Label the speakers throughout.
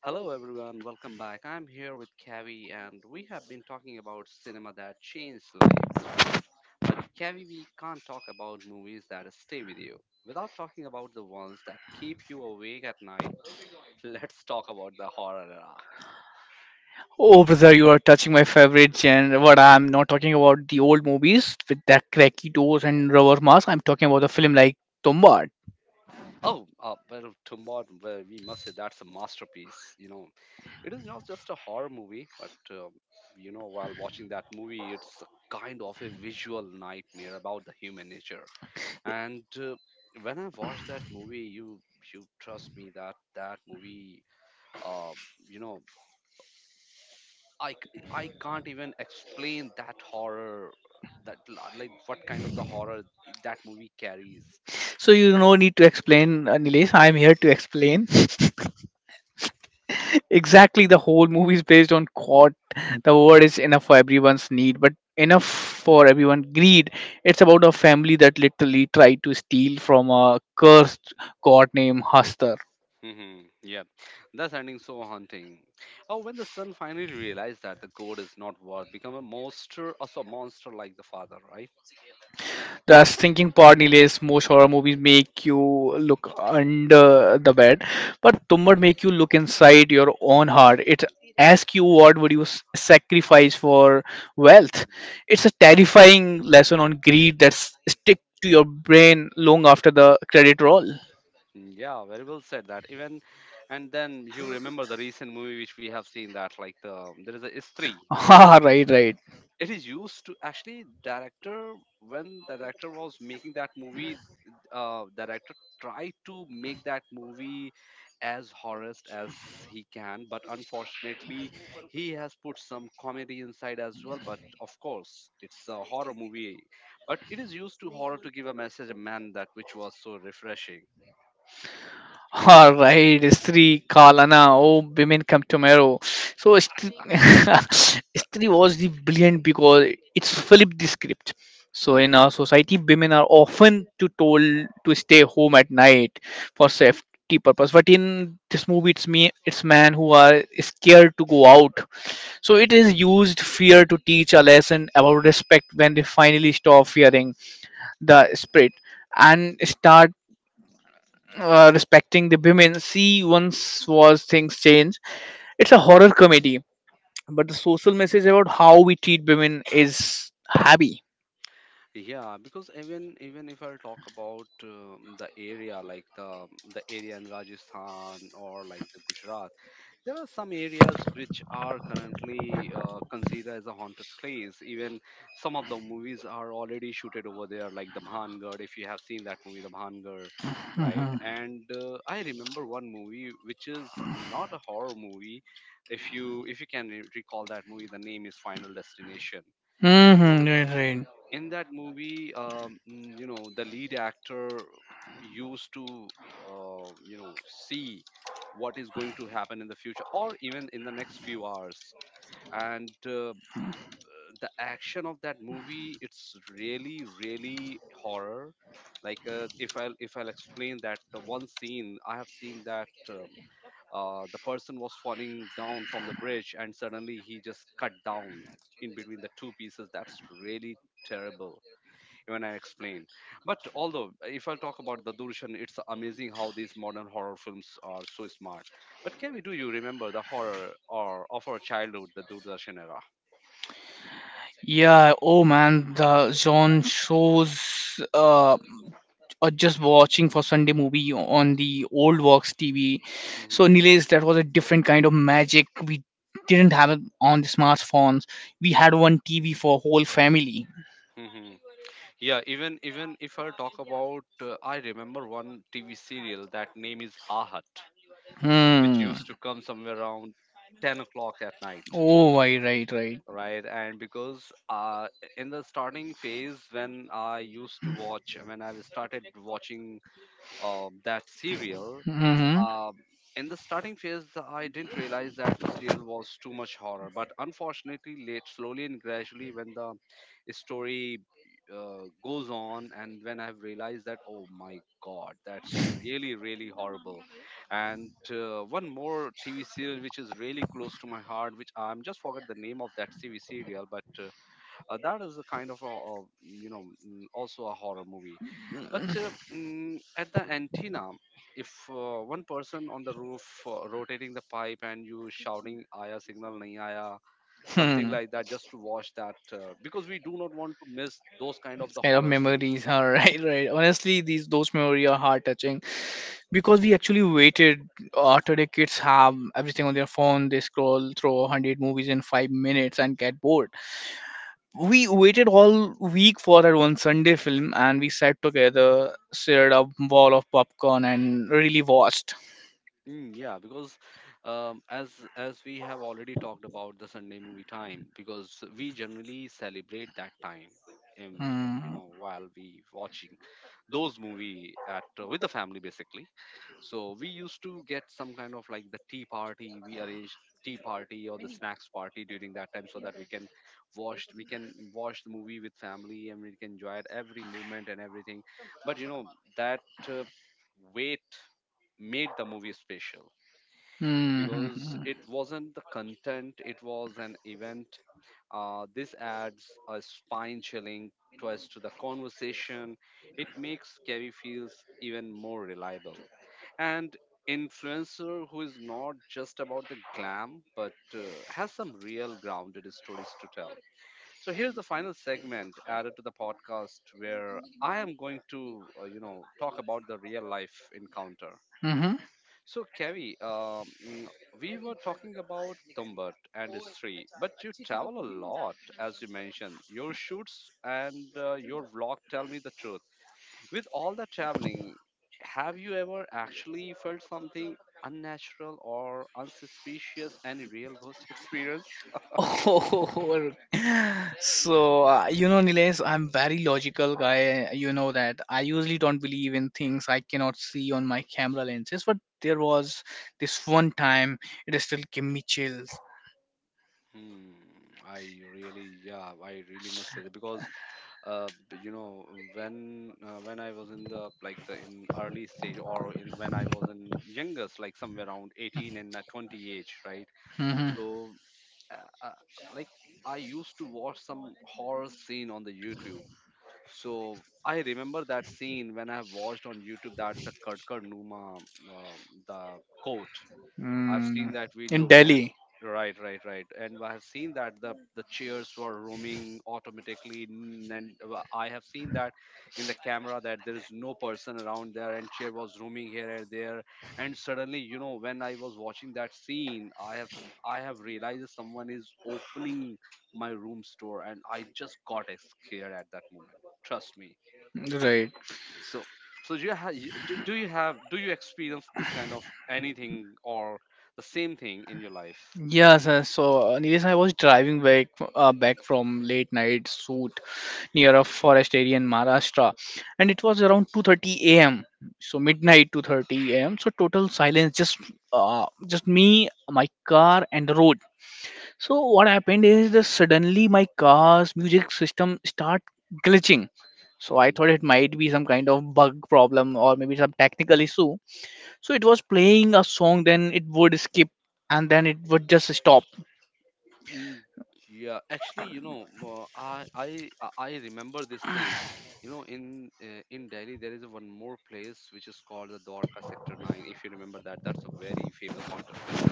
Speaker 1: Hello, everyone. Welcome back. I'm here with Kavi, and we have been talking about cinema that changed lives, right? But Kavi, we can't talk about movies that stay with you without talking about the ones that keep you awake at night. Let's talk about the horror era.
Speaker 2: Oh, brother, you are touching my favorite genre. What I'm not talking about the old movies with that cracky doors and rubber mask. I'm talking about a film like Tombad.
Speaker 1: Tombod, well, we must say that's a masterpiece. You know, it is not just a horror movie, but while watching that movie, it's a kind of a visual nightmare about the human nature. And when I watched that movie, you trust me that that movie, uh, you know, I can't even explain that horror, like what kind of the horror that movie carries.
Speaker 2: So you
Speaker 1: So.
Speaker 2: no need to explain, Nilesh. I'm here to explain. Exactly, the whole movie is based on quad. The word is enough for everyone's need, but enough for everyone greed. It's about a family that literally tried to steal from a cursed god named Haster.
Speaker 1: Yeah, that's ending so haunting. Oh, when the son finally realized that the goat is not worth become a monster, also a monster like the father, right?
Speaker 2: The thinking part delays most horror movies make you look under the bed, but tumblr make you look inside your own heart. It asks you what would you sacrifice for wealth. It's a terrifying lesson on greed that stick to your brain long after the credit roll.
Speaker 1: Yeah, very well said that. Even and then you remember the recent movie which we have seen that like the there is a Istri.
Speaker 2: Ah, right.
Speaker 1: It is used to actually director when the director was making that movie, director tried to make that movie as horrorist as he can, but unfortunately he has put some comedy inside as well. But of course, it's a horror movie, but it is used to horror to give a message, a man that which was so refreshing. Yeah.
Speaker 2: All right, Sri Kalana. Oh, women come tomorrow. So Sri was the brilliant because it's flipped the script. So in our society, women are often to told to stay home at night for safety purpose. But in this movie, it's me, it's men who are scared to go out. So it is used fear to teach a lesson about respect when they finally stop fearing the spirit and start respecting the women. See, once was things change. It's a horror comedy, but the social message about how we treat women is heavy.
Speaker 1: Yeah, because even if I'll talk about the area like the area in Rajasthan or like the Gujarat, there are some areas which are currently considered as a haunted place. Even some of the movies are already shooted over there, like the Bhangad. If you have seen that movie, the Bhangad, right?
Speaker 2: hmm
Speaker 1: And I remember one movie which is not a horror movie. If you can recall that movie, the name is Final Destination.
Speaker 2: hmm. Right, right.
Speaker 1: In that movie you know, the lead actor used to you know, see what is going to happen in the future or even in the next few hours. And uh, mm, the action of that movie, it's really really horror. Like if I'll explain that, one scene I have seen that, the person was falling down from the bridge and suddenly he just cut down in between the two pieces. That's really terrible when I explain. But although, if I talk about the Durshan, it's amazing how these modern horror films are so smart. But can we, do you remember the horror or of our childhood, the Doordarshan era?
Speaker 2: Yeah. Oh man, the John shows. Or just watching for Sunday movie on the old Vox TV.
Speaker 1: Mm-hmm.
Speaker 2: So, Nilesh, that was a different kind of magic. We didn't have it on the smartphones. We had one TV for whole family.
Speaker 1: hmm Yeah, even if I talk about, I remember one TV serial that name is Ahat, which
Speaker 2: Hmm.
Speaker 1: used to come somewhere around 10 o'clock at night,
Speaker 2: Oh, I right, right.
Speaker 1: right? And because in the starting phase, when I used to watch when I started watching, that serial.
Speaker 2: Mm-hmm.
Speaker 1: Um, in the starting phase, I didn't realize that serial was too much horror, but unfortunately, late, slowly and gradually, when the story goes on, and when I've realized that, oh my god, that's really, really horrible. And one more TV serial which is really close to my heart, which I'm just forgot the name of that TV serial, but that is a kind of a, you know, also a horror movie, but at the antenna, if one person on the roof rotating the pipe and you shouting aya signal nahi aya, something
Speaker 2: Hmm.
Speaker 1: like that, just to watch that, because we do not want to miss those kind of the
Speaker 2: Kind of
Speaker 1: horror scene.
Speaker 2: memories. All right, right. Honestly, these those memories are heart touching. Because we actually waited. Today kids have everything on their phone. They scroll through 100 movies in 5 minutes and get bored. We waited all week for that one sunday film, and we sat together, shared a bowl of popcorn and really watched.
Speaker 1: Yeah, because um, as as we have already talked about the Sunday movie time, because we generally celebrate that time in you
Speaker 2: Hmm.
Speaker 1: know, while we watching those movie at, with the family basically. So we used to get some kind of like the tea party. We arranged tea party or the snacks party during that time so that we can watch the movie with family and we can enjoy it every movement and everything. But you know that, uh, wait made the movie special,
Speaker 2: Hmm, hmm,
Speaker 1: because
Speaker 2: hmm.
Speaker 1: it wasn't the content, it was an event. This adds a spine chilling twist to the conversation. It makes Carrie feels even more reliable. And influencer who is not just about the glam, but has some real grounded stories to tell. So here's the final segment added to the podcast where I am going to, you know, talk about the real life encounter.
Speaker 2: Mhm.
Speaker 1: So, Kerry, we were talking about Tumbat and his tree, but you travel a lot, as you mentioned. Your shoots and your vlog, tell me the truth. With all the traveling, have you ever actually felt something unnatural or unsuspicious? Any real ghost experience?
Speaker 2: Oh, so, you know, Nilesh, I'm very logical guy. You know that I usually don't believe in things I cannot see on my camera lenses, but there was this one time it still gave me chills.
Speaker 1: Hmm, I really, yeah, I really must say that because, you know, when I was in the like the in early stage or in when I was in youngest like somewhere around 18 and 20 age, right?
Speaker 2: Mm-hmm.
Speaker 1: So uh, uh, like I used to watch some horror scene on the youtube. So I remember that scene when I have watched on youtube that the kadkar numa, uh, the coat. I've seen
Speaker 2: Mm.
Speaker 1: that
Speaker 2: In
Speaker 1: video where,
Speaker 2: Delhi,
Speaker 1: right, right, right, and I have seen that the chairs were roaming automatically, and I have seen that in the camera that there is no person around there, and chair was roaming here and there, and suddenly, you know, when I was watching that scene, I have realized that someone is opening my room's door, and I just got scared at that moment. Trust me.
Speaker 2: right?
Speaker 1: So do you have, do you have, do you experience this kind of anything, or the same thing in your life
Speaker 2: Yeah,
Speaker 1: ever?
Speaker 2: sir. So, Nilesh, I was driving back back from late night shoot near a forest area in Maharashtra, and it was around 2:30 a.m. So midnight 2:30 a.m. So total silence, just me, my car, and the road. So what happened is that suddenly my car's music system start glitching. So I
Speaker 1: hmm
Speaker 2: thought it might be some kind of bug problem or maybe some technical issue. So it was playing a song, then it would skip, and then it would just stop.
Speaker 1: Mm, yeah, actually, you know, I remember this thing, you know, in delhi there is one more place which is called the dwarka sector 9, if you remember that, that's a very famous haunted place,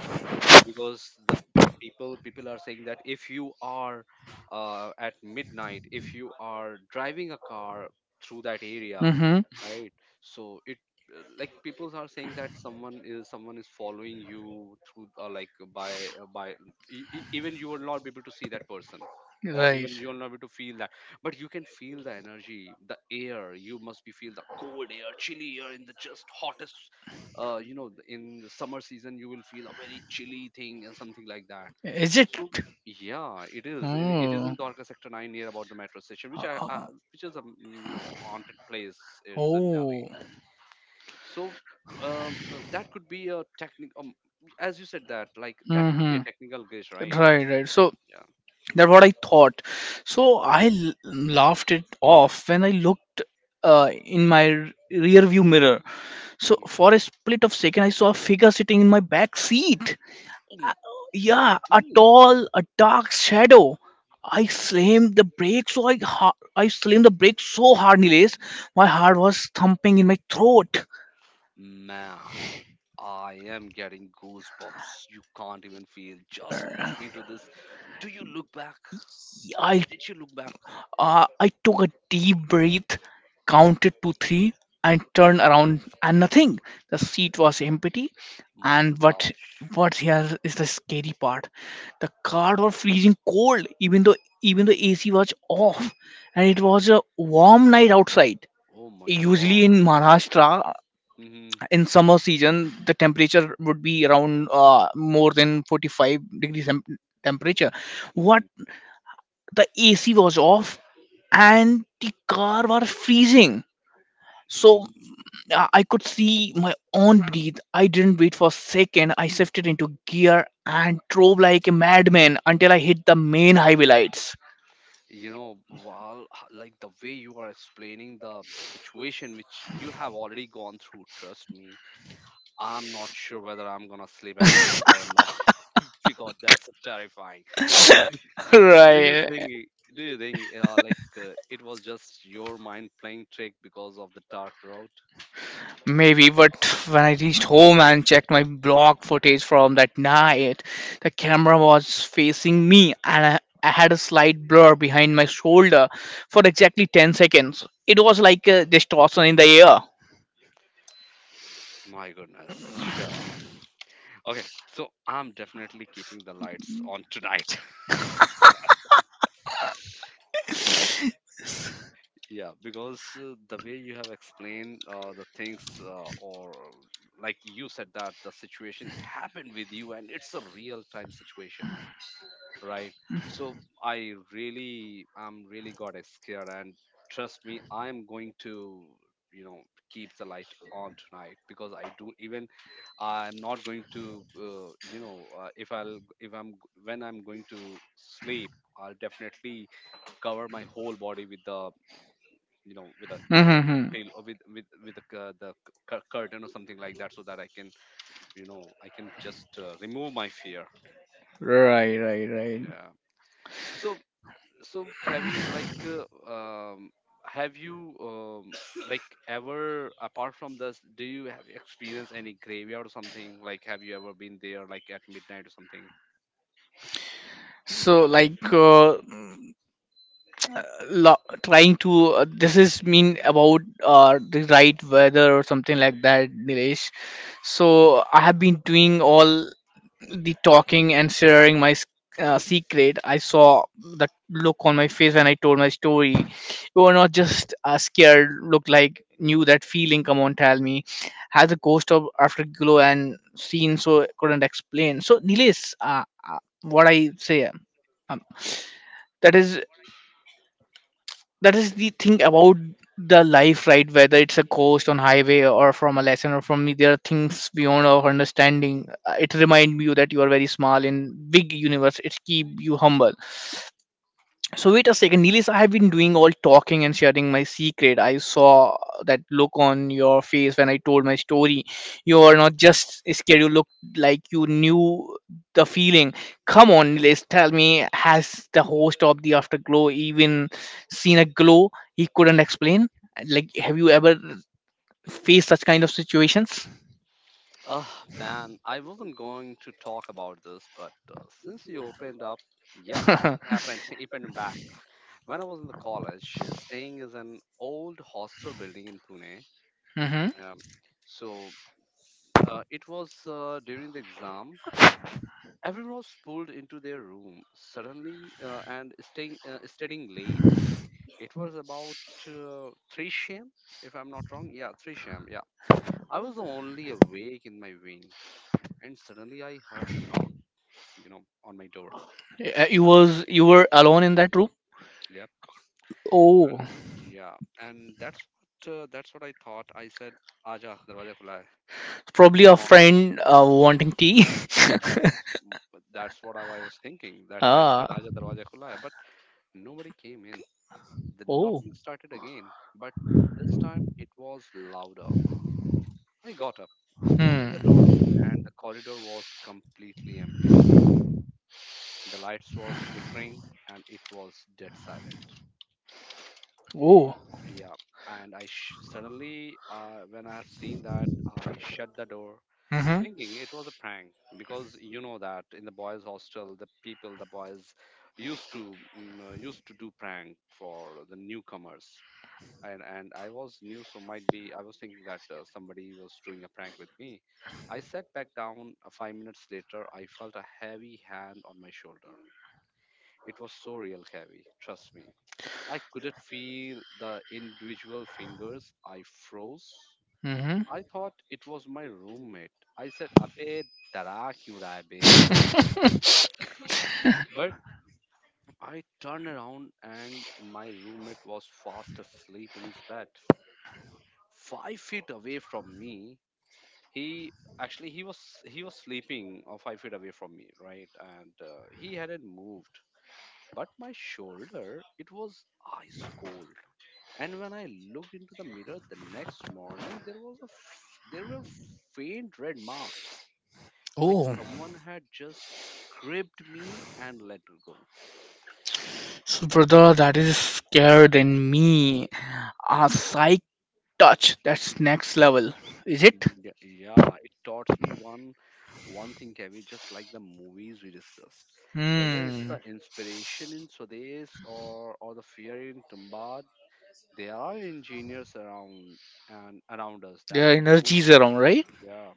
Speaker 1: because the people are saying that if you are, at midnight, if you are driving a car through that area,
Speaker 2: Mm-hmm.
Speaker 1: right? So it, like people are saying that someone is following you through, by, even you will not be able to see that person, or
Speaker 2: Right.
Speaker 1: even you will not be able to feel that, but you can feel the energy, the air, you must be feel the cold air, chilly air in the just hottest, you know, in the summer season you will feel a very chilly thing and something like that.
Speaker 2: Is it?
Speaker 1: So yeah, it is, it is
Speaker 2: Oh.
Speaker 1: in Dwarka sector 9 near about the metro station, which
Speaker 2: Uh,
Speaker 1: I,
Speaker 2: uh, uh,
Speaker 1: which is a, you know, haunted place, it is in delhi.
Speaker 2: Oh.
Speaker 1: So that could be a technical, as you said that, like that could be a technical glitch,
Speaker 2: Mm-hmm.
Speaker 1: right?
Speaker 2: Right, right. So
Speaker 1: Yeah.
Speaker 2: that's what I thought. So I laughed it off when I looked uh, in my rear view mirror. So
Speaker 1: Mhm.
Speaker 2: for a split of second, I saw a figure sitting in my back seat.
Speaker 1: Mm,
Speaker 2: Yeah, a
Speaker 1: really,
Speaker 2: tall, a dark shadow. I slammed the brake so hard, Nilesh, my heart was thumping in my throat.
Speaker 1: man, I am getting goosebumps, you can't even feel just
Speaker 2: Yeah,
Speaker 1: listening to this. Do you look back
Speaker 2: I.
Speaker 1: Did you look back?
Speaker 2: I took a deep breath, counted to three, and turned around, and nothing. The seat was empty.
Speaker 1: My
Speaker 2: And
Speaker 1: gosh.
Speaker 2: what here is the scary part? The car was freezing cold, even though even the AC was off, and it was a warm night outside.
Speaker 1: Oh my God.
Speaker 2: Usually in Maharashtra,
Speaker 1: hmm
Speaker 2: in summer season, the temperature would be around more than 45 degrees temperature.
Speaker 1: hmm
Speaker 2: What the AC was off and the car was freezing. So
Speaker 1: Mm,
Speaker 2: I could see my own breathe. I didn't wait for a second. I shifted into gear and drove like a madman until I hit the main highway lights.
Speaker 1: You know, Val, like the way you are explaining the situation which you have already gone through, trust me, I'm not sure whether I'm gonna sleep at night today or not. Because that's so terrifying. Do you think,
Speaker 2: Right.
Speaker 1: it- do you think, it was just your mind playing trick because of the dark road?
Speaker 2: Maybe, but when I reached home and checked my blog footage from that night, the camera was facing me and I had a slight blur behind my shoulder for exactly 10 seconds. It was like a distortion in the air.
Speaker 1: My goodness, sure. Okay, so I'm definitely keeping the lights on tonight. Yeah, because the way you have explained, the things, or like you said that the situation happened with you and it's a real time situation, right? So I really, I'm really got scared, and trust me, I'm going to, you know, keep the light on tonight because I do even, I'm not going to, you know, if I'll, if I'm, when I'm going to sleep, I'll definitely cover my whole body with the, you know, with a,
Speaker 2: Mhm.
Speaker 1: tail or with with the the curtain or something like that, so that I can, you know, I can just, remove my fear.
Speaker 2: Right, right, right.
Speaker 1: Yeah. So Kavi, like um have you, like ever, apart from this, do you have experience any graveyard or something, like have you ever been there like at midnight or something?
Speaker 2: So, like, lo- trying to this is mean about the right weather or something like that, Nilesh. So, I have been doing all the talking and sharing my secret. I saw the look on my face when I told my story. You were not just scared look like knew that feeling. Come on, tell me, had the ghost of afterglow and seen so couldn't explain. So Nilesh, what I say, um, that is that is the thing about the life, right? Whether it's a coast on highway or from a lesson or from me, there are things beyond our understanding. It remind you that you are very small in big universe. It keep you humble. So wait a second, Nilis. I have been doing all talking and sharing my secret. I saw that look on your face when I told my story. You are not just scared. You looked like you knew the feeling. Come on, Nilis. Tell me, has the host of the Afterglow even seen a glow he couldn't explain? Like, have you ever faced such kind of situations?
Speaker 1: Oh man, I wasn't going to talk about this, but since you opened up, yeah,
Speaker 2: hmm
Speaker 1: happened, happened back. When I was in the college, staying is an old hostel building in Pune.
Speaker 2: Uh,
Speaker 1: Um, so it was during the exam. Everyone was pulled into their room suddenly and staying studying late. It was about 3 sham, if I'm not wrong. Yeah, 3 sham. Yeah. I was the only awake in my wing, and suddenly I heard a knock on my door. Tuck,
Speaker 2: you
Speaker 1: tuck.
Speaker 2: was you were alone in that room.
Speaker 1: Yep.
Speaker 2: Oh.
Speaker 1: Yeah. And that's what I thought. I said, aja darwaza khula hai.
Speaker 2: Probably a
Speaker 1: Come
Speaker 2: friend wanting tea.
Speaker 1: on. That's what I was thinking. That's why I said
Speaker 2: Ah.
Speaker 1: aja darwaza khula hai, but nobody came in. The
Speaker 2: Oh.
Speaker 1: knocking started again, but this time it was louder. I got up, opened the door,
Speaker 2: Hmm.
Speaker 1: and the corridor was completely empty. The lights were flickering and it was dead silent.
Speaker 2: Oh.
Speaker 1: Yeah, and suddenly, when I have seen that, I shut the door,
Speaker 2: Mm-hmm.
Speaker 1: thinking it was a prank, because you know that in the boys' hostel, the people, the boys, used to used to do prank for the newcomers. And I was new, so might be I was thinking that somebody was doing a prank with me. I sat back down. 5 minutes later, I felt a heavy hand on my shoulder. It was so real heavy, trust me. I couldn't feel the individual fingers. I froze.
Speaker 2: Mm-hmm.
Speaker 1: I thought it was my roommate. I said, Abe, dara kyun raha hai be?" But I turned around and my roommate was fast asleep in his bed. 5 feet away from me, he actually he was he was sleeping 5 feet away from me, right? And he hadn't moved, but my shoulder, it was ice cold. And when I looked into the mirror the next morning, there was a f- there were faint red mark, like
Speaker 2: Oh.
Speaker 1: someone had just gripped me and let go.
Speaker 2: So, brother, that is scarier than me. A psych touch. That's next level. Is it?
Speaker 1: Yeah, yeah, it taught me one thing, Kevin, just like the movies we discussed. Whether it's the
Speaker 2: Hmm.
Speaker 1: inspiration in Swades or the fear in Tumbad, there are engineers around and around us that
Speaker 2: Their
Speaker 1: we
Speaker 2: energies
Speaker 1: don't.
Speaker 2: around, right?
Speaker 1: Yeah,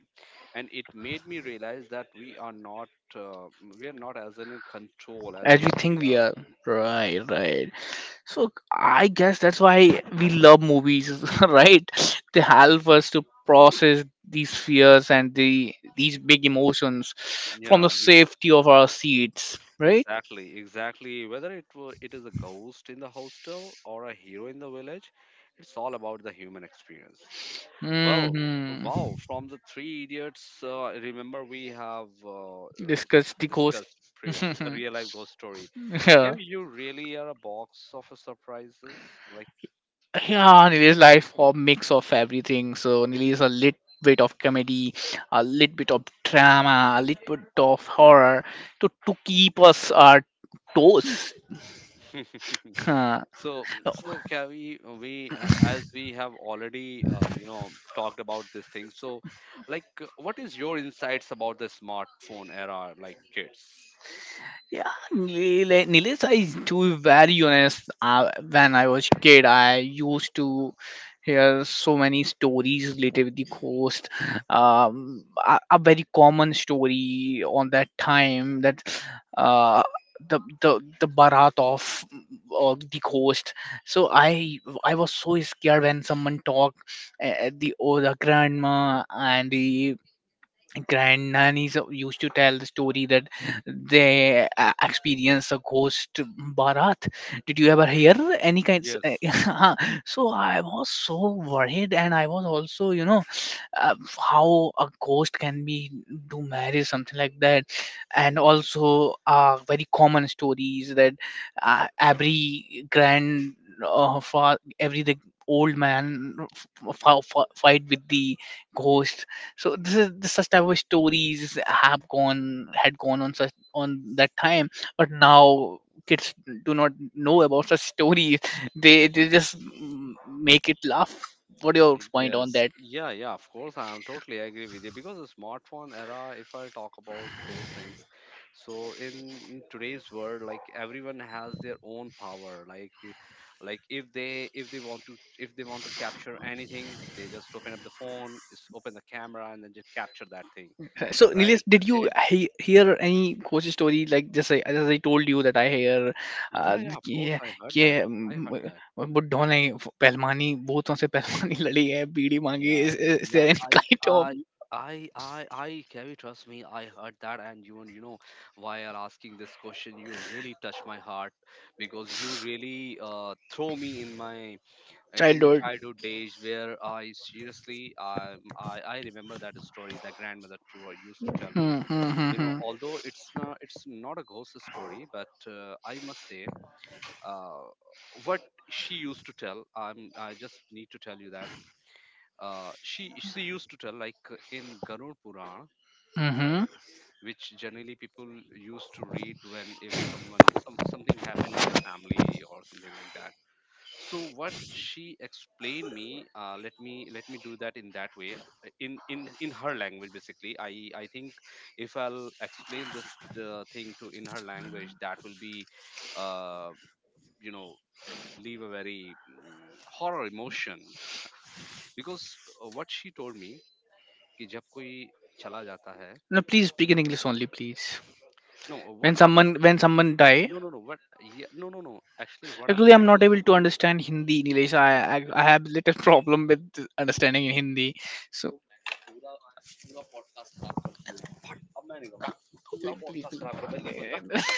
Speaker 1: and it made me realize that uh, we are not as in control as
Speaker 2: As
Speaker 1: we
Speaker 2: we
Speaker 1: think we
Speaker 2: think we
Speaker 1: are.
Speaker 2: are. Right, right. So I guess that's why we love movies, right? They help us to process these fears and these big emotions from the
Speaker 1: Yeah,
Speaker 2: safety of our seats, right?
Speaker 1: exactly. Whether it were, it is a ghost in the hostel or a hero in the village, it's all about the human experience. Well,
Speaker 2: hmm
Speaker 1: wow, from the three idiots, remember we have
Speaker 2: Discuss the ghost.
Speaker 1: discussed previous with the
Speaker 2: Yeah.
Speaker 1: real life ghost story. Can you really are a box of surprises, like.
Speaker 2: Yeah, Nili's life a mix of everything. So Nili is a little bit of comedy, a little bit of drama, a little bit of horror to keep us our toes.
Speaker 1: So, can we, as we have already, talked about this thing. So, like, what is your insights about the smartphone era, like kids?
Speaker 2: Yeah, like Nilesh, I to be very honest, when I was kid, I used to hear so many stories related with the ghost. A, a very common story on that time that uh, the barat of the ghost. So I was so scared when someone talked the or the grandma and the grandnannies used to tell the story that they experienced a ghost barat. Did you ever hear any kinds
Speaker 1: Yes.
Speaker 2: uh-huh. So I was so worried, and I was also, you know, how a ghost can be do marriage something like that. And
Speaker 1: Mm-hmm.
Speaker 2: also very common stories that every grand every the old man fight with the ghost. So this is this such type of stories have gone had gone on such on that time, but now kids do not know about such stories. They just make it laugh. What your point on
Speaker 1: Yes.
Speaker 2: that?
Speaker 1: Yeah, yeah, of course. I am totally agree with you, because the smartphone era, if I talk about those things, so in today's world, like everyone has their own power. Like if they want to if they want to capture anything, they just open up the phone, is open the camera and then just capture that thing.
Speaker 2: So Nilesh,
Speaker 1: Right.
Speaker 2: did
Speaker 1: So
Speaker 2: you
Speaker 1: they,
Speaker 2: hear any coach story, like, just I, as I told you that I hear uh,
Speaker 1: yeah, yeah, of course
Speaker 2: कि-
Speaker 1: I heard
Speaker 2: कि,
Speaker 1: that. I heard
Speaker 2: mm,
Speaker 1: that.
Speaker 2: बुड्ढों ने पहलवानी भूतों से पहलवानी लड़ी है बीड़ी मांगी.
Speaker 1: Yeah,
Speaker 2: is,
Speaker 1: yeah,
Speaker 2: is
Speaker 1: yeah.
Speaker 2: there any kind of
Speaker 1: I, I, Kevin, trust me, I heard that, and while asking this question, you really touched my heart, because you really throw me in my
Speaker 2: childhood?
Speaker 1: childhood days, where I seriously, I remember that story that grandmother Trua used to tell me.
Speaker 2: Hmm, hmm, hmm,
Speaker 1: You know,
Speaker 2: hmm.
Speaker 1: although it's not a ghost story, but I must say, uh, what she used to tell, I just need to tell you that she used to tell like in Garud Puran,
Speaker 2: Mm-hmm.
Speaker 1: right, which generally people used to read when if someone some something happened in their family or something like that. So what she explained me, let me do that in that way, in her language basically. I think if I'll explain this thing to in her language, that will be, uh, you know. Leave a very horror emotion, because what she told me, कि जब कोई चला जाता है
Speaker 2: No, please speak in English only, please.
Speaker 1: No what about
Speaker 2: When someone die,
Speaker 1: no no no what ये no no no actually what I am
Speaker 2: actually I'm not able to
Speaker 1: trying
Speaker 2: understand Hindi in English. I have little problem with understanding in Hindi. So please, please, please.